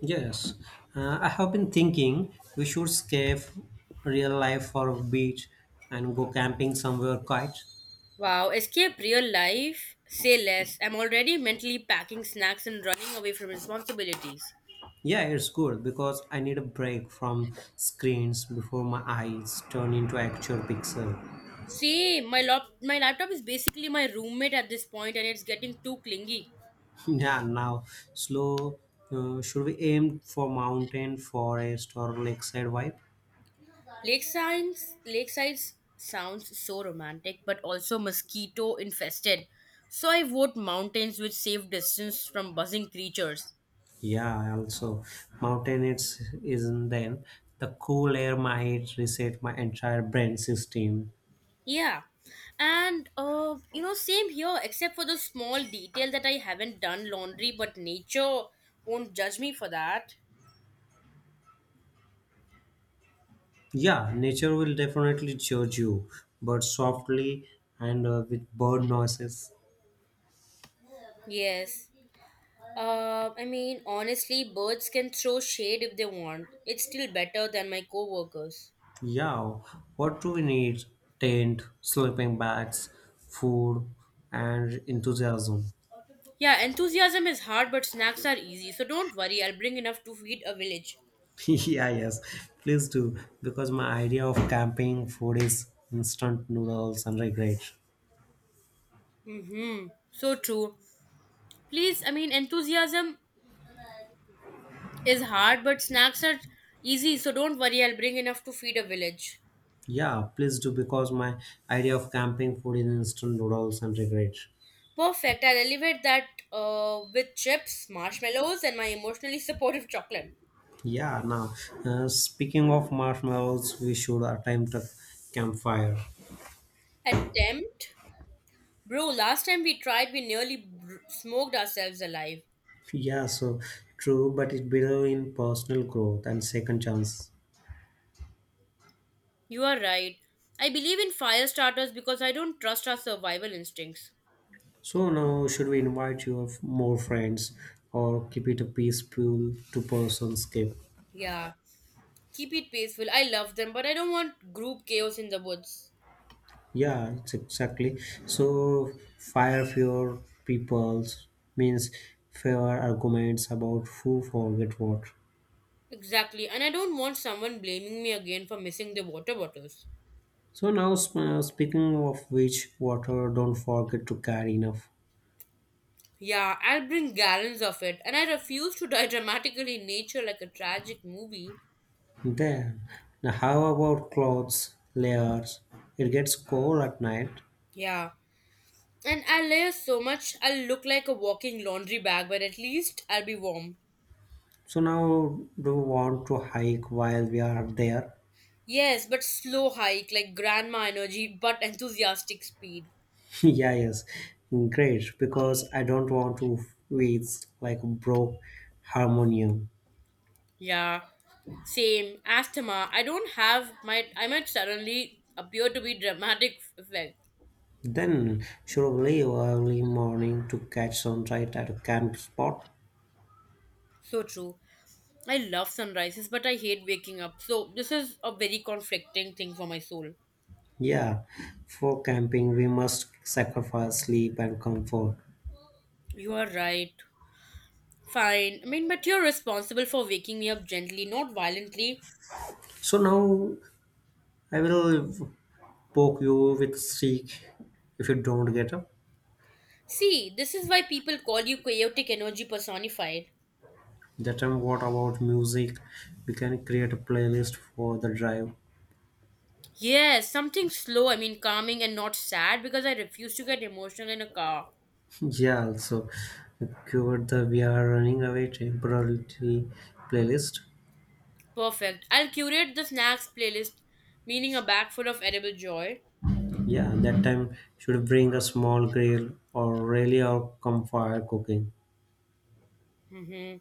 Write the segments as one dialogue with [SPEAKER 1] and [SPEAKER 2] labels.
[SPEAKER 1] Yes, I have been thinking we should escape real life for a beach and go camping somewhere quiet.
[SPEAKER 2] Wow, escape real life? Say less. I'm already mentally packing snacks and running away from responsibilities.
[SPEAKER 1] Yeah, it's good because I need a break from screens before my eyes turn into actual pixel.
[SPEAKER 2] See, my laptop is basically my roommate at this point and it's getting too clingy.
[SPEAKER 1] yeah, now slow. Should we aim for mountain, forest, or lakeside vibe?
[SPEAKER 2] Lakesides lakesides sounds so romantic but also mosquito infested. So I vote mountains which save distance from buzzing creatures.
[SPEAKER 1] Yeah, also mountain it's isn't then the cool air might reset my entire brain system.
[SPEAKER 2] Yeah, and same here, except for the small detail that I haven't done laundry, but nature won't judge me for that.
[SPEAKER 1] Yeah, nature will definitely judge you, but softly and with bird noises.
[SPEAKER 2] Yes. I mean, honestly, birds can throw shade if they want. It's still better than my co-workers.
[SPEAKER 1] Yeah, what do we need? Tent, sleeping bags, food, and enthusiasm.
[SPEAKER 2] Yeah, enthusiasm is hard, but snacks are easy. So don't worry, I'll bring enough to feed a village.
[SPEAKER 1] yeah, yes, please do, because my idea of camping food is instant noodles and regret.
[SPEAKER 2] Mm-hmm. So true. Please, I mean, enthusiasm is hard, but snacks are easy. So don't worry, I'll bring enough to feed a village.
[SPEAKER 1] Yeah, please do, because my idea of camping food is instant noodles and regret.
[SPEAKER 2] Perfect. I'll elevate that with chips, marshmallows, and my emotionally supportive chocolate.
[SPEAKER 1] Yeah, now speaking of marshmallows, we should attempt a campfire.
[SPEAKER 2] Attempt? Bro, last time we tried, we smoked ourselves alive.
[SPEAKER 1] Yeah, so true, but it believes in personal growth and second chance.
[SPEAKER 2] You are right. I believe in fire starters because I don't trust our survival instincts.
[SPEAKER 1] So now, should we invite more friends or keep it a peaceful two-person escape?
[SPEAKER 2] Yeah. Keep it peaceful. I love them, but I don't want group chaos in the woods.
[SPEAKER 1] Yeah, it's exactly. So fire fewer peoples means fewer arguments about who forget what.
[SPEAKER 2] Exactly. And I don't want someone blaming me again for missing the water bottles.
[SPEAKER 1] So now, speaking of which, water don't forget to carry enough.
[SPEAKER 2] Yeah, I'll bring gallons of it, and I refuse to die dramatically in nature like a tragic movie.
[SPEAKER 1] Then, now how about clothes layers? It gets cold at night.
[SPEAKER 2] Yeah. And I'll layer so much I'll look like a walking laundry bag, but at least I'll be warm.
[SPEAKER 1] So now do you want to hike while we are there?
[SPEAKER 2] Yes, but slow hike, like grandma energy, but enthusiastic speed.
[SPEAKER 1] yeah, yes. Great, because I don't want to waste like a broke harmonium.
[SPEAKER 2] Yeah. Same. Asthma. I don't have my I might suddenly appear to be dramatic effect.
[SPEAKER 1] Then should we leave early morning to catch sunlight at a camp spot?
[SPEAKER 2] So true. I love sunrises, but I hate waking up. So this is a very conflicting thing for my soul.
[SPEAKER 1] Yeah, for camping we must sacrifice sleep and comfort.
[SPEAKER 2] You are right. Fine. I mean, but you're responsible for waking me up gently, not violently.
[SPEAKER 1] So now I will poke you with stick if you don't get up.
[SPEAKER 2] See, this is why people call you chaotic energy personified.
[SPEAKER 1] That time what about music? We can create a playlist for the drive.
[SPEAKER 2] Yes, something slow, I mean, calming and not sad because I refuse to get emotional in a car.
[SPEAKER 1] yeah, also cured the we are running away temporarily playlist.
[SPEAKER 2] Perfect. I'll curate the snacks playlist, meaning a bag full of edible joy.
[SPEAKER 1] Yeah, that time should bring a small grill or really or campfire cooking.
[SPEAKER 2] Hmm.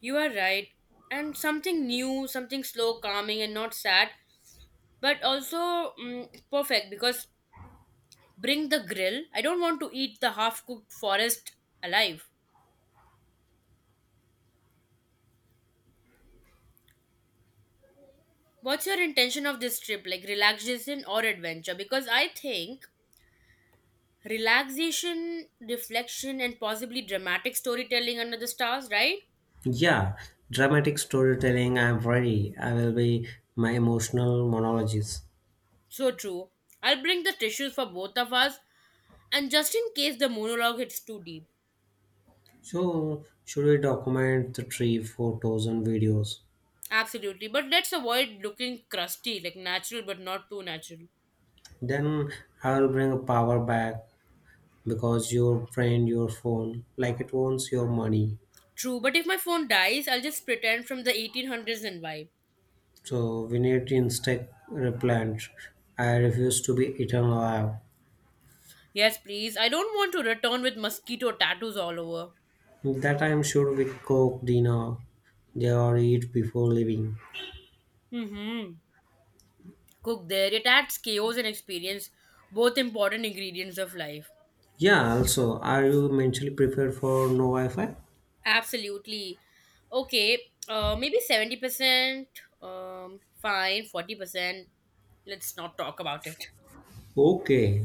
[SPEAKER 2] You are right. And something new, something slow, calming, and not sad, but also perfect because bring the grill. I don't want to eat the half cooked forest alive. What's your intention of this trip? Like relaxation or adventure? Because I think relaxation, reflection, and possibly dramatic storytelling under the stars, right?
[SPEAKER 1] Yeah, dramatic storytelling. I'm ready. I will be my emotional monologues.
[SPEAKER 2] So true. I'll bring the tissues for both of us and just in case the monologue hits too deep.
[SPEAKER 1] So, should we document the tree photos and videos?
[SPEAKER 2] Absolutely. But let's avoid looking crusty, like natural but not too natural.
[SPEAKER 1] Then I'll bring power back because your friend, your phone like it wants your money.
[SPEAKER 2] True, but if my phone dies, I'll just pretend from the 1800s and vibe.
[SPEAKER 1] So we need instant replant. I refuse to be eaten alive.
[SPEAKER 2] Yes, please. I don't want to return with mosquito tattoos all over.
[SPEAKER 1] That I'm sure we cook dinner they or eat before leaving.
[SPEAKER 2] Mm-hmm. Cook there. It adds chaos and experience, both important ingredients of life.
[SPEAKER 1] Yeah, also, are you mentally prepared for no Wi Fi?
[SPEAKER 2] Absolutely. Okay. Maybe 70%. Fine. 40%. Let's not talk about it.
[SPEAKER 1] Okay,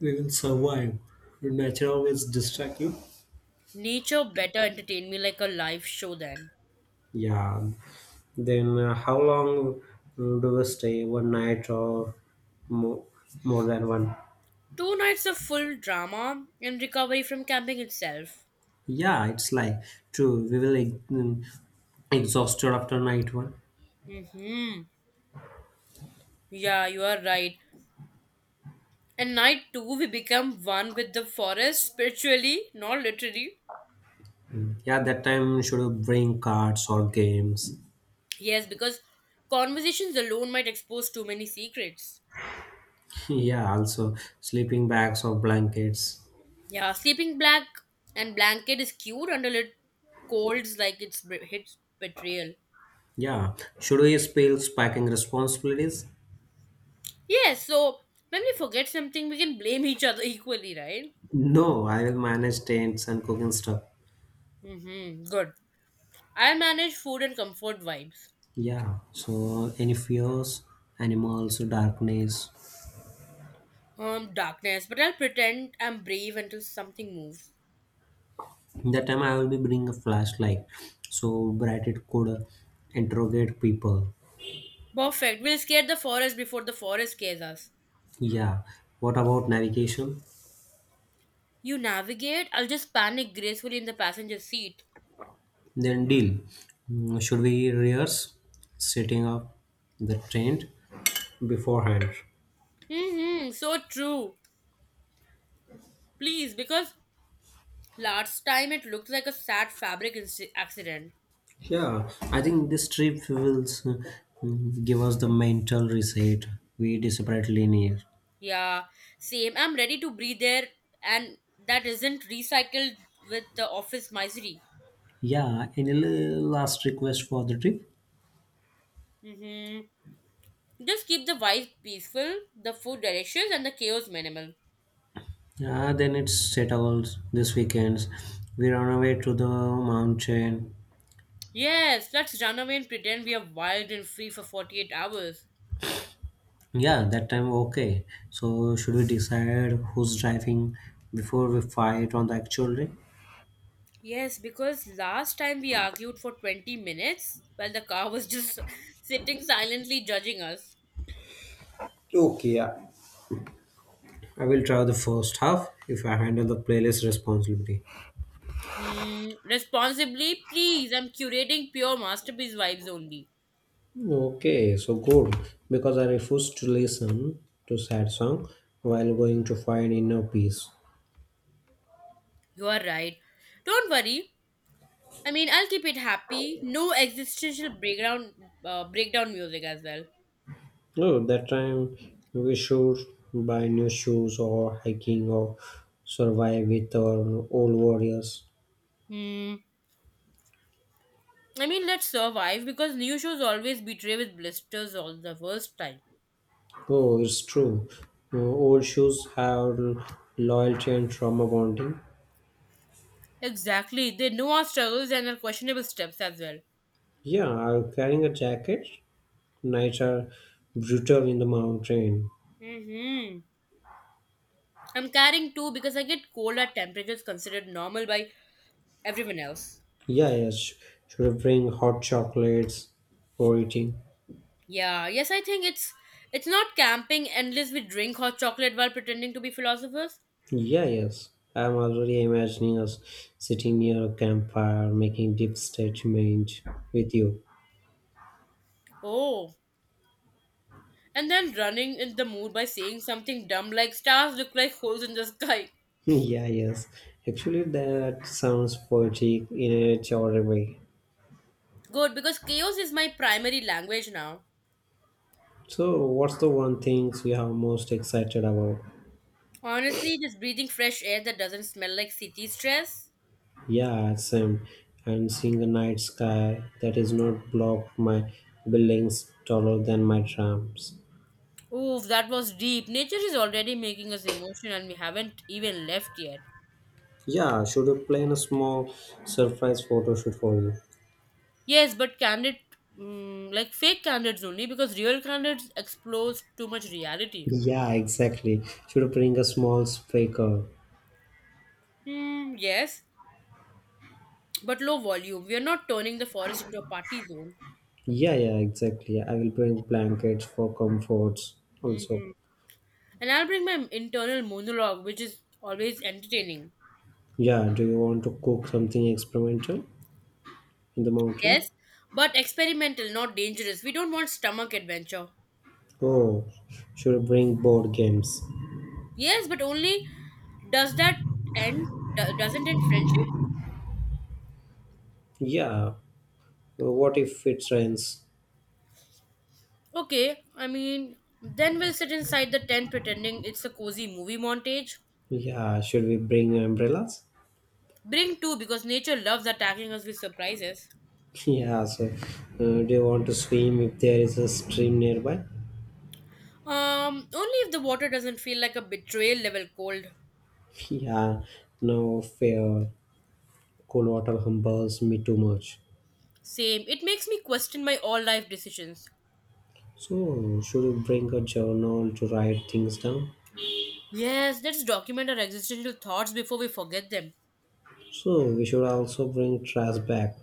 [SPEAKER 1] we will survive. Nature always distract you.
[SPEAKER 2] Nature better entertain me like a live show then.
[SPEAKER 1] Yeah. Then how long do we stay? One night or more, more than one?
[SPEAKER 2] Two nights of full drama and recovery from camping itself.
[SPEAKER 1] Yeah, it's like true. We will mm, exhausted after night one.
[SPEAKER 2] Mm-hmm. Yeah, you are right. And night two, we become one with the forest spiritually, not literally.
[SPEAKER 1] Yeah, that time should we bring cards or games.
[SPEAKER 2] Yes, because conversations alone might expose too many secrets.
[SPEAKER 1] Yeah, also sleeping bags or blankets.
[SPEAKER 2] Yeah, sleeping black and blanket is cute until it colds like hits betrayal.
[SPEAKER 1] Yeah, should we spill packing responsibilities?
[SPEAKER 2] Yes, so when we forget something, we can blame each other equally, right?
[SPEAKER 1] No, I will manage tents and cooking stuff.
[SPEAKER 2] Mm-hmm. Good. I manage food and comfort vibes.
[SPEAKER 1] Yeah, so any fears, animals, darkness,
[SPEAKER 2] Darkness, but I'll pretend I'm brave until something moves.
[SPEAKER 1] that time I will be bringing a flashlight so bright it could interrogate people.
[SPEAKER 2] Perfect. We'll scare the forest before the forest scares us.
[SPEAKER 1] Yeah, what about navigation?
[SPEAKER 2] You navigate, I'll just panic gracefully in the passenger seat.
[SPEAKER 1] Then deal. Should we rehearse setting up the tent beforehand?
[SPEAKER 2] Hmm, so true. Please, because last time it looked like a sad accident.
[SPEAKER 1] Yeah, I think this trip will give us the mental reset we desperately need.
[SPEAKER 2] Yeah, same. I'm ready to breathe air, and that isn't recycled with the office misery.
[SPEAKER 1] Yeah, any last request for the trip?
[SPEAKER 2] Hmm. Just keep the vibe peaceful, the food delicious, and the chaos minimal.
[SPEAKER 1] Yeah, then it's settled. This weekend we run away to the mountain.
[SPEAKER 2] Yes, let's run away and pretend we are wild and free for 48 hours.
[SPEAKER 1] Yeah, that time okay. So should we decide who's driving before we fight on the actual day?
[SPEAKER 2] Yes, because last time we argued for 20 minutes while the car was just sitting silently judging us.
[SPEAKER 1] Okay, yeah. I will try the first half if I handle the playlist responsibility.
[SPEAKER 2] Hmm, responsibly, please. I'm curating pure masterpiece vibes only.
[SPEAKER 1] Okay, so good. Because I refuse to listen to sad song while going to find inner peace.
[SPEAKER 2] You are right. Don't worry. I mean, I'll keep it happy. No existential breakdown music as well.
[SPEAKER 1] Oh, that time we should buy new shoes or hiking or survive with our old warriors.
[SPEAKER 2] Hmm. I mean, let's survive because new shows always betray with blisters all the worst time.
[SPEAKER 1] Oh, it's true. Old shoes have loyalty and trauma bonding.
[SPEAKER 2] Exactly. They know our struggles and our questionable steps as well.
[SPEAKER 1] Yeah, I'm carrying a jacket. Nights are brutal in the mountain.
[SPEAKER 2] Mm-hmm. I'm carrying two because I get cold at temperatures considered normal by everyone else.
[SPEAKER 1] Yeah, yes. Should I bring hot chocolates for eating?
[SPEAKER 2] Yeah, yes, I think it's not camping endless we drink hot chocolate while pretending to be philosophers.
[SPEAKER 1] Yeah, yes. I'm already imagining us sitting near a campfire making deep statement with you.
[SPEAKER 2] Oh, and then running in the mood by saying something dumb like stars look like holes in the sky.
[SPEAKER 1] yeah, yes. Actually, that sounds poetic in a chore way.
[SPEAKER 2] Good, because chaos is my primary language now.
[SPEAKER 1] So, what's the one things you are most excited about?
[SPEAKER 2] Honestly, just breathing fresh air that doesn't smell like city stress.
[SPEAKER 1] Yeah, same. And seeing a night sky that is not blocked by buildings taller than my trams.
[SPEAKER 2] Oof, that was deep. Nature is already making us emotional and we haven't even left yet.
[SPEAKER 1] Yeah, should we plan a small surprise photo shoot for you?
[SPEAKER 2] Yes, but candid, like fake candidates only, because real candidates expose too much reality.
[SPEAKER 1] Yeah, exactly. Should I bring a small speaker?
[SPEAKER 2] Hmm. Yes, but low volume. We are not turning the forest into a party zone.
[SPEAKER 1] Yeah, yeah, exactly. I will bring blankets for comforts also.
[SPEAKER 2] Hmm. And I'll bring my internal monologue, which is always entertaining.
[SPEAKER 1] Yeah, do you want to cook something experimental in the mountain?
[SPEAKER 2] Yes, but experimental, not dangerous. We don't want stomach adventure.
[SPEAKER 1] Oh, should I bring board games?
[SPEAKER 2] Yes, but only does that end? Doesn't end friendship?
[SPEAKER 1] Yeah. Well, what if it rains?
[SPEAKER 2] Okay, I mean, then we'll sit inside the tent pretending it's a cozy movie montage.
[SPEAKER 1] Yeah. Should we bring umbrellas?
[SPEAKER 2] Bring two because nature loves attacking us with surprises.
[SPEAKER 1] Yeah. So, do you want to swim if there is a stream nearby?
[SPEAKER 2] Only if the water doesn't feel like a betrayal level cold.
[SPEAKER 1] Yeah. No fair. Cold water humbles me too much.
[SPEAKER 2] Same. It makes me question my all life decisions.
[SPEAKER 1] So, should we bring a journal to write things down?
[SPEAKER 2] Yes, let's document our existential thoughts before we forget them.
[SPEAKER 1] So, we should also bring trash back.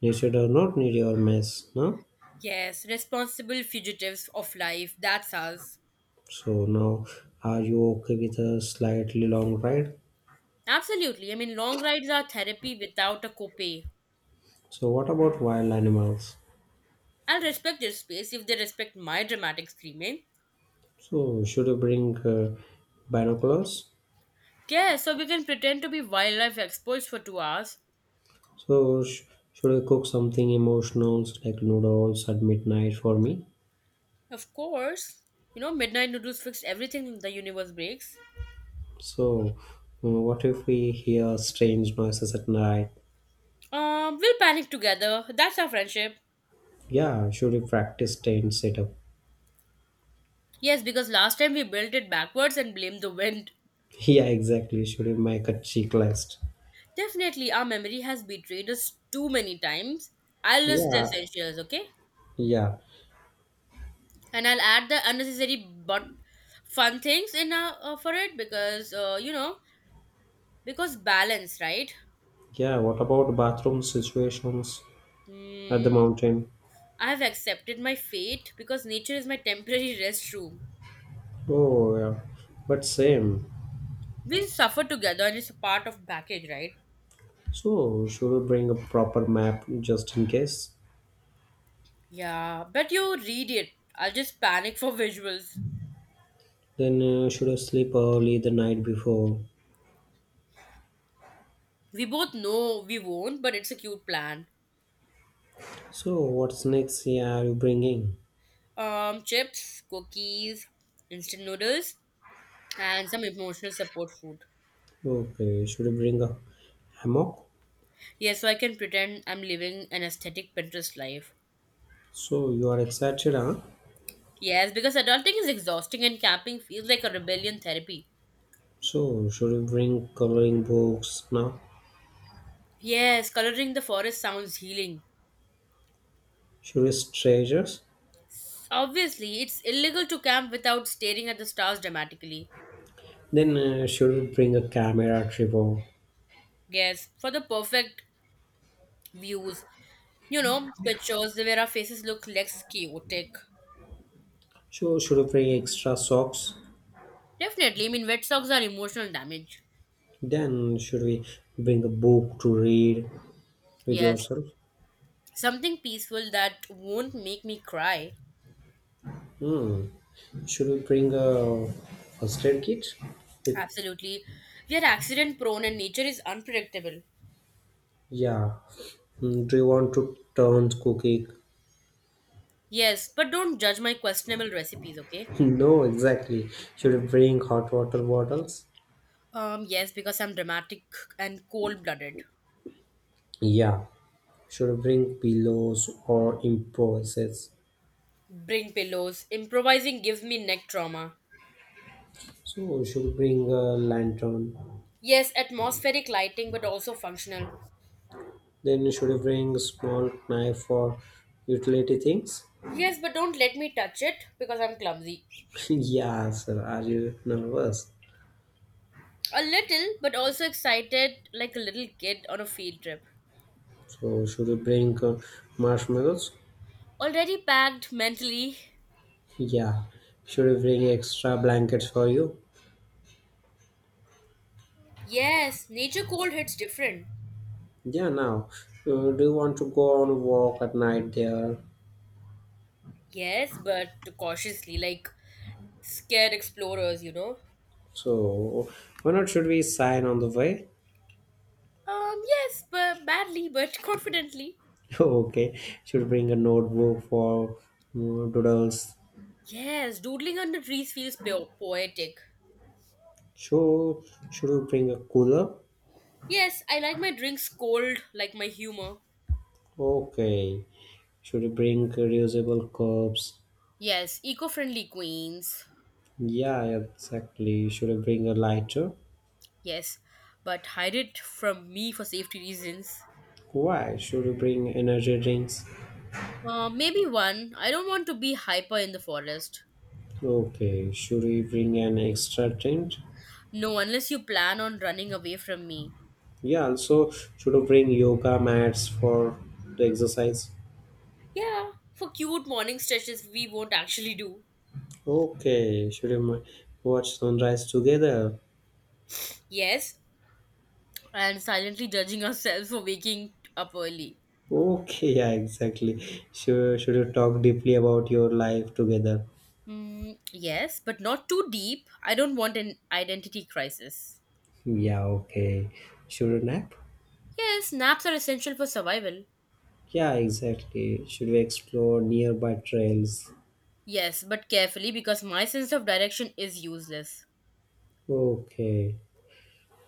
[SPEAKER 1] Nature does not need your mess, no?
[SPEAKER 2] Yes, responsible fugitives of life. That's us.
[SPEAKER 1] So, now are you okay with a slightly long ride?
[SPEAKER 2] Absolutely. I mean, long rides are therapy without a copay.
[SPEAKER 1] So, what about wild animals?
[SPEAKER 2] I'll respect their space if they respect my dramatic screaming.
[SPEAKER 1] So, should you bring binoculars?
[SPEAKER 2] Yes, so we can pretend to be wildlife experts for 2 hours.
[SPEAKER 1] So, should you cook something emotional like noodles at midnight for me?
[SPEAKER 2] Of course, midnight noodles fix everything the universe breaks.
[SPEAKER 1] So, what if we hear strange noises at night?
[SPEAKER 2] We'll panic together. That's our friendship.
[SPEAKER 1] Yeah, should we practice tent setup?
[SPEAKER 2] Yes, because last time we built it backwards and blamed the wind.
[SPEAKER 1] Yeah, exactly. Should we make a checklist?
[SPEAKER 2] Definitely, our memory has betrayed us too many times. I'll list the
[SPEAKER 1] Yeah,
[SPEAKER 2] essentials, okay?
[SPEAKER 1] yeah,
[SPEAKER 2] And I'll add the unnecessary but fun things in for it because you know because balance, right?
[SPEAKER 1] yeah. What about bathroom situations at the
[SPEAKER 2] Hmm.
[SPEAKER 1] mountain?
[SPEAKER 2] I have accepted my fate because nature is my temporary restroom.
[SPEAKER 1] Oh, yeah, but same.
[SPEAKER 2] We suffer together and it's a part of package, right?
[SPEAKER 1] So, should we bring a proper map just in case?
[SPEAKER 2] Yeah, but you read it. I'll just panic for visuals.
[SPEAKER 1] Then should I sleep early the night before?
[SPEAKER 2] We both know we won't, but it's a cute plan.
[SPEAKER 1] So what's next? Yeah, are you bringing?
[SPEAKER 2] Chips, cookies, instant noodles, and some emotional support food.
[SPEAKER 1] Okay, should you bring a hammock?
[SPEAKER 2] Yes, so I can pretend I'm living an aesthetic Pinterest life.
[SPEAKER 1] So you are excited, huh?
[SPEAKER 2] Yes, because adulting is exhausting and camping feels like a rebellion therapy.
[SPEAKER 1] So should we bring coloring books now?
[SPEAKER 2] Yes, coloring the forest sounds healing.
[SPEAKER 1] Should we stretch us?
[SPEAKER 2] Obviously, it's illegal to camp without staring at the stars dramatically.
[SPEAKER 1] Then should we bring a camera tripod?
[SPEAKER 2] Yes, for the perfect views, pictures where our faces look less chaotic.
[SPEAKER 1] So should we bring extra socks?
[SPEAKER 2] Definitely, I mean, wet socks are emotional damage.
[SPEAKER 1] Then should we bring a book to read with
[SPEAKER 2] Yes,
[SPEAKER 1] yourself?
[SPEAKER 2] something peaceful that won't make me cry.
[SPEAKER 1] Hmm. Should we bring a first aid kit with?
[SPEAKER 2] Absolutely. We are accident prone and nature is unpredictable.
[SPEAKER 1] Yeah. Do you want to turn cookie?
[SPEAKER 2] Yes, but don't judge my questionable recipes, okay?
[SPEAKER 1] No, exactly. Should I bring hot water bottles?
[SPEAKER 2] Yes, because I'm dramatic and cold blooded.
[SPEAKER 1] Yeah. Should I bring pillows or impulses?
[SPEAKER 2] Bring pillows. Improvising gives me neck trauma.
[SPEAKER 1] So should I bring a lantern?
[SPEAKER 2] Yes, atmospheric lighting, but also functional.
[SPEAKER 1] Then should I bring a small knife for utility things?
[SPEAKER 2] Yes, but don't let me touch it because I'm clumsy.
[SPEAKER 1] yeah, sir. Are you nervous?
[SPEAKER 2] A little, but also excited like a little kid on a field trip.
[SPEAKER 1] So should I bring marshmallows?
[SPEAKER 2] Already packed mentally.
[SPEAKER 1] Yeah. Should I bring extra blankets for you?
[SPEAKER 2] Yes, nature cold hits different.
[SPEAKER 1] Yeah, now, do you want to go on a walk at night there?
[SPEAKER 2] Yes, but cautiously, like scared explorers, you know.
[SPEAKER 1] So, why not should we sign on the way?
[SPEAKER 2] Yes, but badly, but confidently.
[SPEAKER 1] okay, should bring a notebook for doodles.
[SPEAKER 2] Yes, doodling under trees feels poetic.
[SPEAKER 1] Should, should we bring a cooler?
[SPEAKER 2] Yes, I like my drinks cold, like my humor.
[SPEAKER 1] Okay. Should we bring reusable cups?
[SPEAKER 2] Yes, eco friendly queens.
[SPEAKER 1] Yeah, exactly. Should we bring a lighter?
[SPEAKER 2] Yes, but hide it from me for safety reasons.
[SPEAKER 1] Why? Should we bring energy drinks?
[SPEAKER 2] Maybe one. I don't want to be hyper in the forest.
[SPEAKER 1] Okay. Should we bring an extra tent?
[SPEAKER 2] No, unless you plan on running away from me.
[SPEAKER 1] Yeah, also should you bring yoga mats for the exercise?
[SPEAKER 2] Yeah, for cute morning stretches we won't actually do.
[SPEAKER 1] Okay, watch sunrise together?
[SPEAKER 2] Yes, and silently judging ourselves for waking up early.
[SPEAKER 1] Okay, yeah, exactly. Should you talk deeply about your life together?
[SPEAKER 2] Yes, but not too deep. I don't want an identity crisis.
[SPEAKER 1] Yeah, okay. Should you nap?
[SPEAKER 2] Yes, naps are essential for survival.
[SPEAKER 1] Yeah, exactly. Should we explore nearby trails?
[SPEAKER 2] Yes, but carefully because my sense of direction is useless.
[SPEAKER 1] Okay.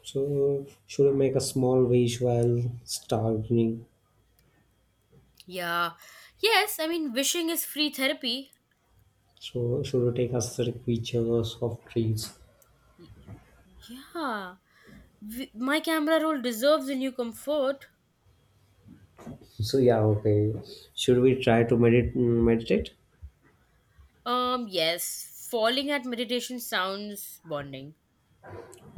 [SPEAKER 1] So should we make a small wish while starving?
[SPEAKER 2] Yeah. Yes, I mean, wishing is free therapy.
[SPEAKER 1] So should we take a pictures of trees?
[SPEAKER 2] Y- Yeah. My camera roll deserves a new comfort.
[SPEAKER 1] So yeah, okay. Should we try to meditate?
[SPEAKER 2] Yes. Falling at meditation sounds bonding.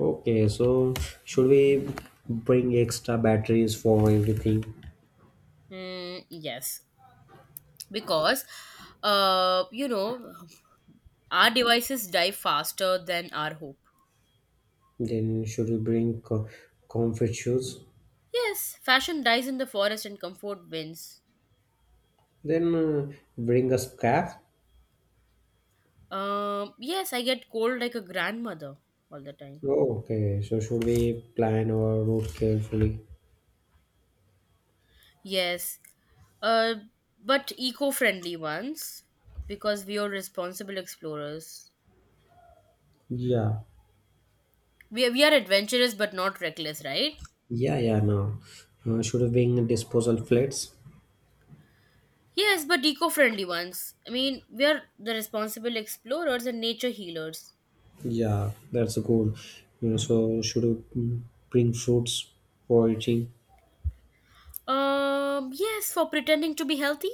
[SPEAKER 1] Okay, so should we bring extra batteries for everything?
[SPEAKER 2] Mm, yes. Because, uh, you know, our devices die faster than our hope.
[SPEAKER 1] Then should we bring comfort shoes?
[SPEAKER 2] Yes, fashion dies in the forest and comfort wins.
[SPEAKER 1] Then bring a scarf.
[SPEAKER 2] Yes, I get cold like a grandmother all the time.
[SPEAKER 1] Oh, okay, so should we plan our route carefully?
[SPEAKER 2] Yes, uh, but eco-friendly ones because we are responsible explorers.
[SPEAKER 1] Yeah,
[SPEAKER 2] We are adventurous but not reckless, right?
[SPEAKER 1] yeah, yeah. Now, should we bring disposal plates?
[SPEAKER 2] Yes, but eco-friendly ones. I mean, we are the responsible explorers and nature healers.
[SPEAKER 1] Yeah, that's good. You know, so should we mm, bring fruits for eating?
[SPEAKER 2] Yes, for pretending to be healthy.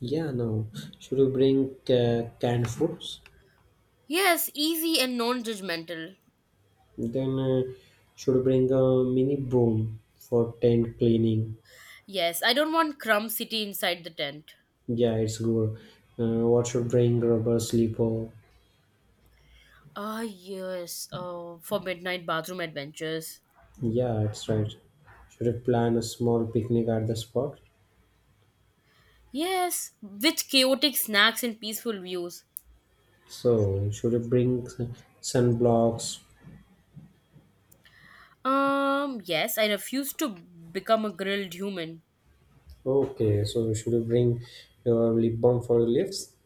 [SPEAKER 1] Yeah, no. Should we bring canned foods?
[SPEAKER 2] Yes, easy and non-judgmental.
[SPEAKER 1] Then should we bring a mini broom for tent cleaning?
[SPEAKER 2] Yes, I don't want crumb city inside the tent.
[SPEAKER 1] Yeah, it's good. What should bring rubber sleeper?
[SPEAKER 2] Ah, yes, for midnight bathroom adventures.
[SPEAKER 1] Yeah, it's right. Should we plan a small picnic at the spot?
[SPEAKER 2] Yes, with chaotic snacks and peaceful views.
[SPEAKER 1] So should we bring sunblocks?
[SPEAKER 2] Yes, I refuse to become a grilled human.
[SPEAKER 1] Okay, so should we bring your lip balm for your lips?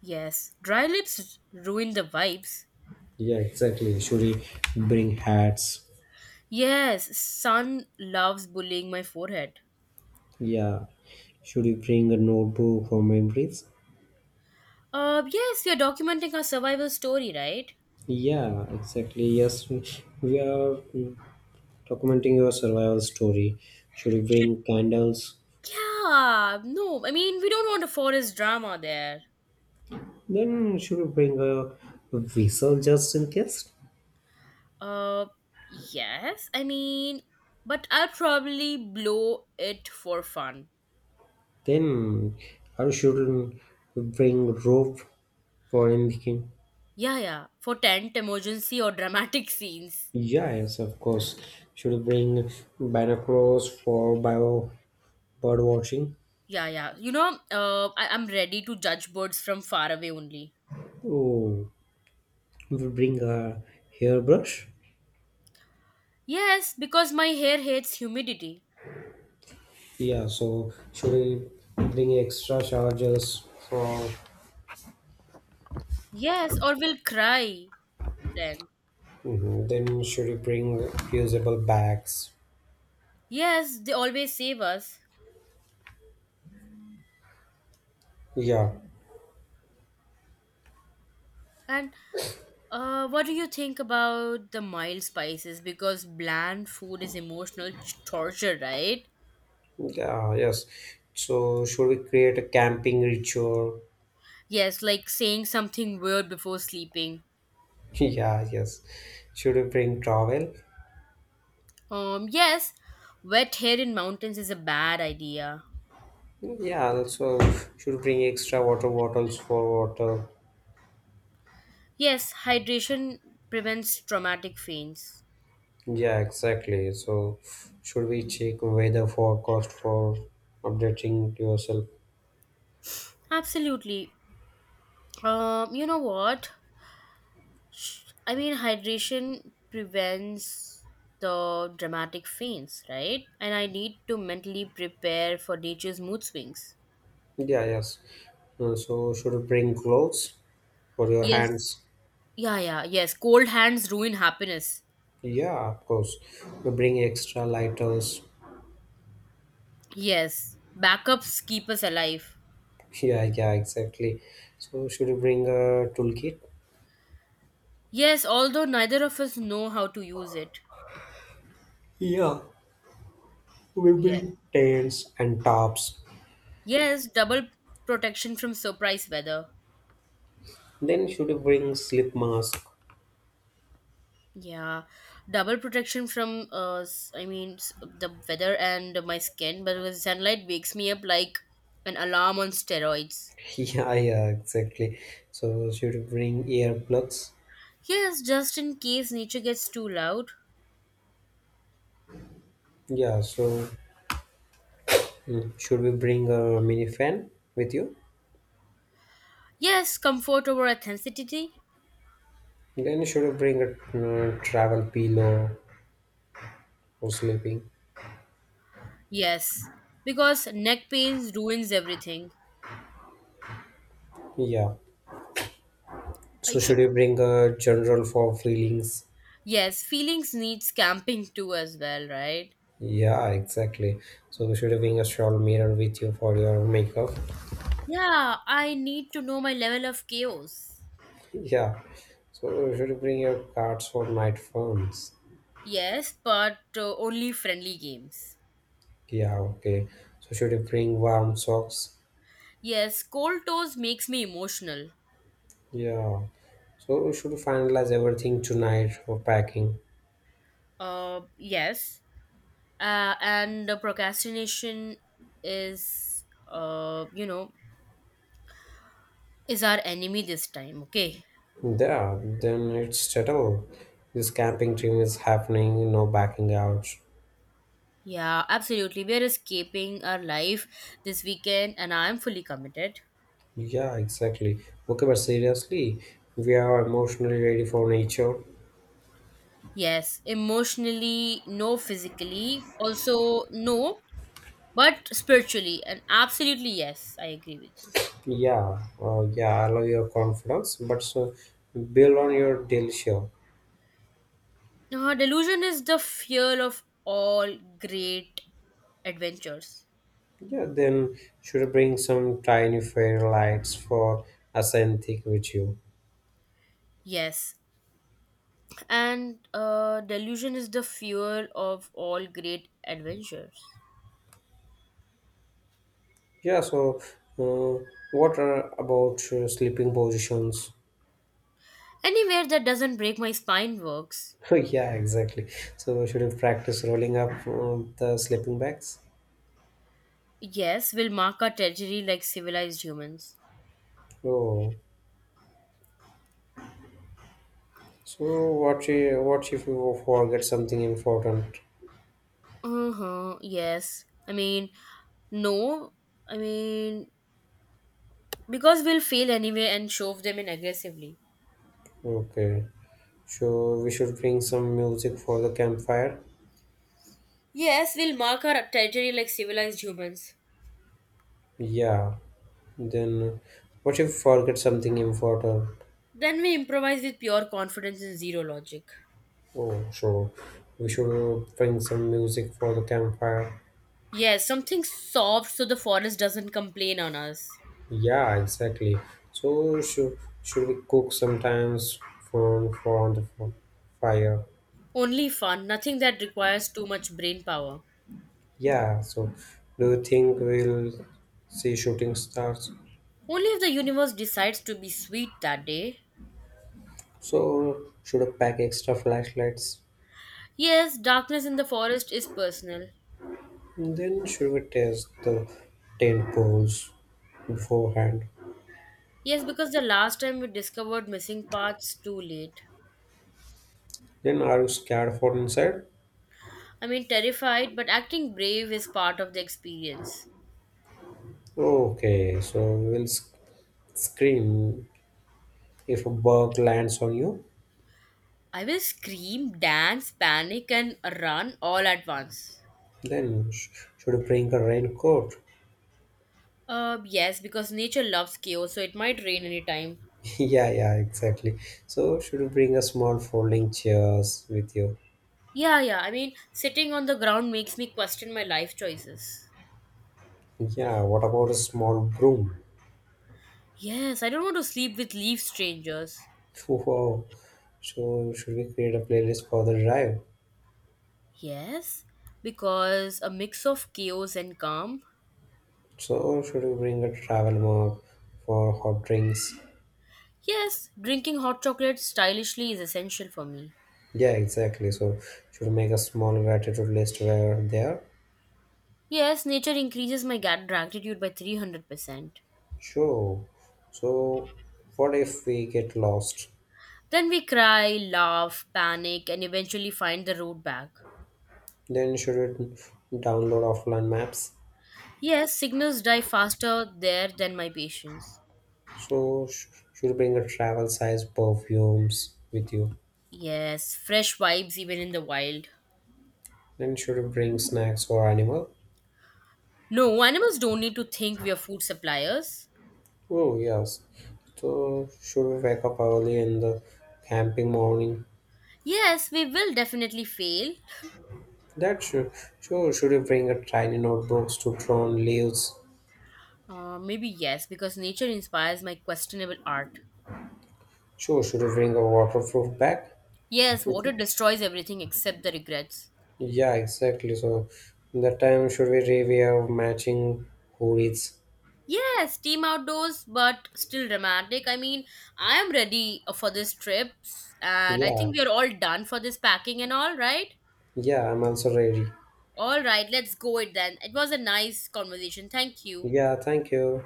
[SPEAKER 2] Yes, dry lips ruin the vibes.
[SPEAKER 1] Yeah, exactly. Should we bring hats?
[SPEAKER 2] Yes, sun loves bullying my forehead.
[SPEAKER 1] Yeah. Should we bring a notebook for memories?
[SPEAKER 2] Yes, we are documenting our survival story, right?
[SPEAKER 1] Yeah, exactly. Yes, we are documenting your survival story. Should you
[SPEAKER 2] Should,
[SPEAKER 1] bring candles?
[SPEAKER 2] yeah, no, I mean, we don't want a forest drama there.
[SPEAKER 1] Then should you bring a whistle just in case?
[SPEAKER 2] Uh, yes, I mean, but I'll probably blow it for fun.
[SPEAKER 1] Then I should bring rope for anything.
[SPEAKER 2] Yeah, yeah. For tent emergency or dramatic scenes.
[SPEAKER 1] Yeah, yes, of course. Should you bring binoculars for bio bird watching?
[SPEAKER 2] Yeah, yeah. You know, I'm ready to judge birds from far away only.
[SPEAKER 1] Oh, we bring a hairbrush.
[SPEAKER 2] Yes, because my hair hates humidity.
[SPEAKER 1] Yeah, so should we bring extra chargers for.
[SPEAKER 2] Yes, or will cry then.
[SPEAKER 1] Mhm. Then should we bring reusable bags?
[SPEAKER 2] Yes, they always save us.
[SPEAKER 1] Yeah,
[SPEAKER 2] And what do you think about the mild spices? Because bland food is emotional torture, right?
[SPEAKER 1] yeah, yes. So should we create a camping ritual?
[SPEAKER 2] Yes, like saying something weird before sleeping.
[SPEAKER 1] Yeah, yes. Should we bring towel?
[SPEAKER 2] Yes, wet hair in mountains is a bad idea.
[SPEAKER 1] Yeah, also should we bring extra water bottles for water?
[SPEAKER 2] Yes, hydration prevents traumatic faints.
[SPEAKER 1] Yeah, exactly. So should we check weather forecast for updating yourself?
[SPEAKER 2] Absolutely. You know what? I mean, hydration prevents the dramatic faints, right? And I need to mentally prepare for nature's mood swings.
[SPEAKER 1] Yeah, yes. So should we bring clothes for your
[SPEAKER 2] Yes.
[SPEAKER 1] hands?
[SPEAKER 2] Yeah, yeah, yes. Cold hands ruin happiness.
[SPEAKER 1] Yeah, of course. We bring extra lighters.
[SPEAKER 2] Yes. Backups keep us alive.
[SPEAKER 1] Yeah, yeah, exactly. So should we bring a toolkit?
[SPEAKER 2] Yes, although neither of us know how to use it.
[SPEAKER 1] Yeah, we
[SPEAKER 2] Yes.
[SPEAKER 1] bring tents and tops.
[SPEAKER 2] Yes, double protection from surprise weather.
[SPEAKER 1] Then should we bring slip mask?
[SPEAKER 2] Yeah, double protection from the weather and my skin, but because sunlight wakes me up like an alarm on steroids.
[SPEAKER 1] Yeah, yeah, exactly. So should we bring earplugs?
[SPEAKER 2] Yes, just in case nature gets too loud.
[SPEAKER 1] Yeah, so should we bring a mini fan with you?
[SPEAKER 2] Yes, comfort over authenticity.
[SPEAKER 1] Then should we bring a travel pillow for sleeping?
[SPEAKER 2] Yes, because neck pains ruins everything.
[SPEAKER 1] Yeah.
[SPEAKER 2] I
[SPEAKER 1] So
[SPEAKER 2] should.
[SPEAKER 1] should we bring a general for feelings?
[SPEAKER 2] Yes, feelings needs camping too as well, right?
[SPEAKER 1] Yeah, exactly. So should we bring a shawl mirror with you for your makeup?
[SPEAKER 2] Yeah, I need to know my level of chaos.
[SPEAKER 1] Yeah. So should you bring your cards for night phones.
[SPEAKER 2] Yes, but only friendly games.
[SPEAKER 1] Yeah, okay. So should you bring warm socks?
[SPEAKER 2] Yes, cold toes makes me emotional.
[SPEAKER 1] Yeah. So we should finalize everything tonight for packing.
[SPEAKER 2] Yes, and the procrastination is, is our enemy this time. Okay.
[SPEAKER 1] Yeah, then it's settled. This camping dream is happening, no backing out.
[SPEAKER 2] Yeah, absolutely. We are escaping our life this weekend, and I am fully committed.
[SPEAKER 1] Yeah, exactly. Okay, but seriously, we are emotionally ready for nature.
[SPEAKER 2] Yes, emotionally, no, physically, also no, but spiritually, and absolutely yes, I agree with you.
[SPEAKER 1] Yeah, yeah, I love your confidence, but so build on your delicious.
[SPEAKER 2] Delusion is the fear of all great adventures.
[SPEAKER 1] Yeah, then should bring some tiny fairy lights for ascetic with you.
[SPEAKER 2] Yes, and delusion is the fuel of all great adventures.
[SPEAKER 1] Yeah, so uh, what are about sleeping positions?
[SPEAKER 2] Anywhere that doesn't break my spine works.
[SPEAKER 1] yeah, exactly. So should you practice rolling up the sleeping bags?
[SPEAKER 2] Yes, will mark our territory like civilized humans.
[SPEAKER 1] Oh, so what? If What if you forget something important?
[SPEAKER 2] Uh huh. Yes. I mean, no. I mean, because we'll fail anyway and shove them in aggressively.
[SPEAKER 1] Okay, so we should bring some music for the campfire.
[SPEAKER 2] Yes, we'll mark our territory like civilized humans.
[SPEAKER 1] Yeah, then what if forget something important?
[SPEAKER 2] Then we improvise with pure confidence and zero logic.
[SPEAKER 1] Oh, sure. We should bring some music for the campfire.
[SPEAKER 2] Yes, something soft so the forest doesn't complain on us.
[SPEAKER 1] Yeah, exactly. So should we cook sometimes for for on the f- fire?
[SPEAKER 2] Only fun, nothing that requires too much brain power.
[SPEAKER 1] Yeah. So do you think we'll see shooting stars?
[SPEAKER 2] Only if the universe decides to be sweet that day.
[SPEAKER 1] So should I pack extra flashlights?
[SPEAKER 2] Yes, darkness in the forest is personal.
[SPEAKER 1] Then should we test the tent poles beforehand?
[SPEAKER 2] Yes, because the last time we discovered missing paths too late.
[SPEAKER 1] Then are you scared for inside?
[SPEAKER 2] I mean, terrified, but acting brave is part of the experience.
[SPEAKER 1] Okay, so we'll scream if a bug lands on you,
[SPEAKER 2] I will scream, dance, panic, and run all at once.
[SPEAKER 1] then should you bring a raincoat?
[SPEAKER 2] Yes, because nature loves chaos, so it might rain anytime.
[SPEAKER 1] yeah, yeah, exactly. So should you bring a small folding chairs with you?
[SPEAKER 2] Yeah, yeah, I mean, sitting on the ground makes me question my life choices.
[SPEAKER 1] Yeah, what about a small broom?
[SPEAKER 2] Yes, I don't want to sleep with leaf strangers.
[SPEAKER 1] Wow. So should we create a playlist for the drive?
[SPEAKER 2] Yes, because a mix of chaos and calm.
[SPEAKER 1] So should we bring a travel mug for hot drinks?
[SPEAKER 2] Yes, drinking hot chocolate stylishly is essential for me.
[SPEAKER 1] Yeah, exactly. So should we make a small gratitude list where they are?
[SPEAKER 2] Yes, nature increases my gratitude by 300%.
[SPEAKER 1] Sure. So what if we get lost?
[SPEAKER 2] Then we cry, laugh, panic, and eventually find the road back.
[SPEAKER 1] Then should it download offline maps.
[SPEAKER 2] Yes, signals die faster there than my patience.
[SPEAKER 1] So, should bring a travel size perfumes with you.
[SPEAKER 2] Yes, fresh vibes even in the wild.
[SPEAKER 1] Then should we bring snacks for animal.
[SPEAKER 2] No, animals don't need to think we are food suppliers.
[SPEAKER 1] Oh yes. So should we wake up early in the camping morning?
[SPEAKER 2] Yes, we will definitely fail.
[SPEAKER 1] That should sure should we bring a tiny notebooks to drawn leaves?
[SPEAKER 2] Maybe yes, because nature inspires my questionable art.
[SPEAKER 1] Sure, should we bring a waterproof bag?
[SPEAKER 2] Yes,
[SPEAKER 1] With
[SPEAKER 2] water
[SPEAKER 1] you?
[SPEAKER 2] destroys everything except the regrets.
[SPEAKER 1] Yeah, exactly. So that time should we review matching hoodies?
[SPEAKER 2] Yes, team outdoors, but still dramatic. I mean, I am ready for this trip, and I
[SPEAKER 1] Yeah,
[SPEAKER 2] think we are all done for this packing and all, right?
[SPEAKER 1] yeah, I'm also ready.
[SPEAKER 2] All right, let's go it then. It was a nice conversation. Thank you.
[SPEAKER 1] Yeah, thank you.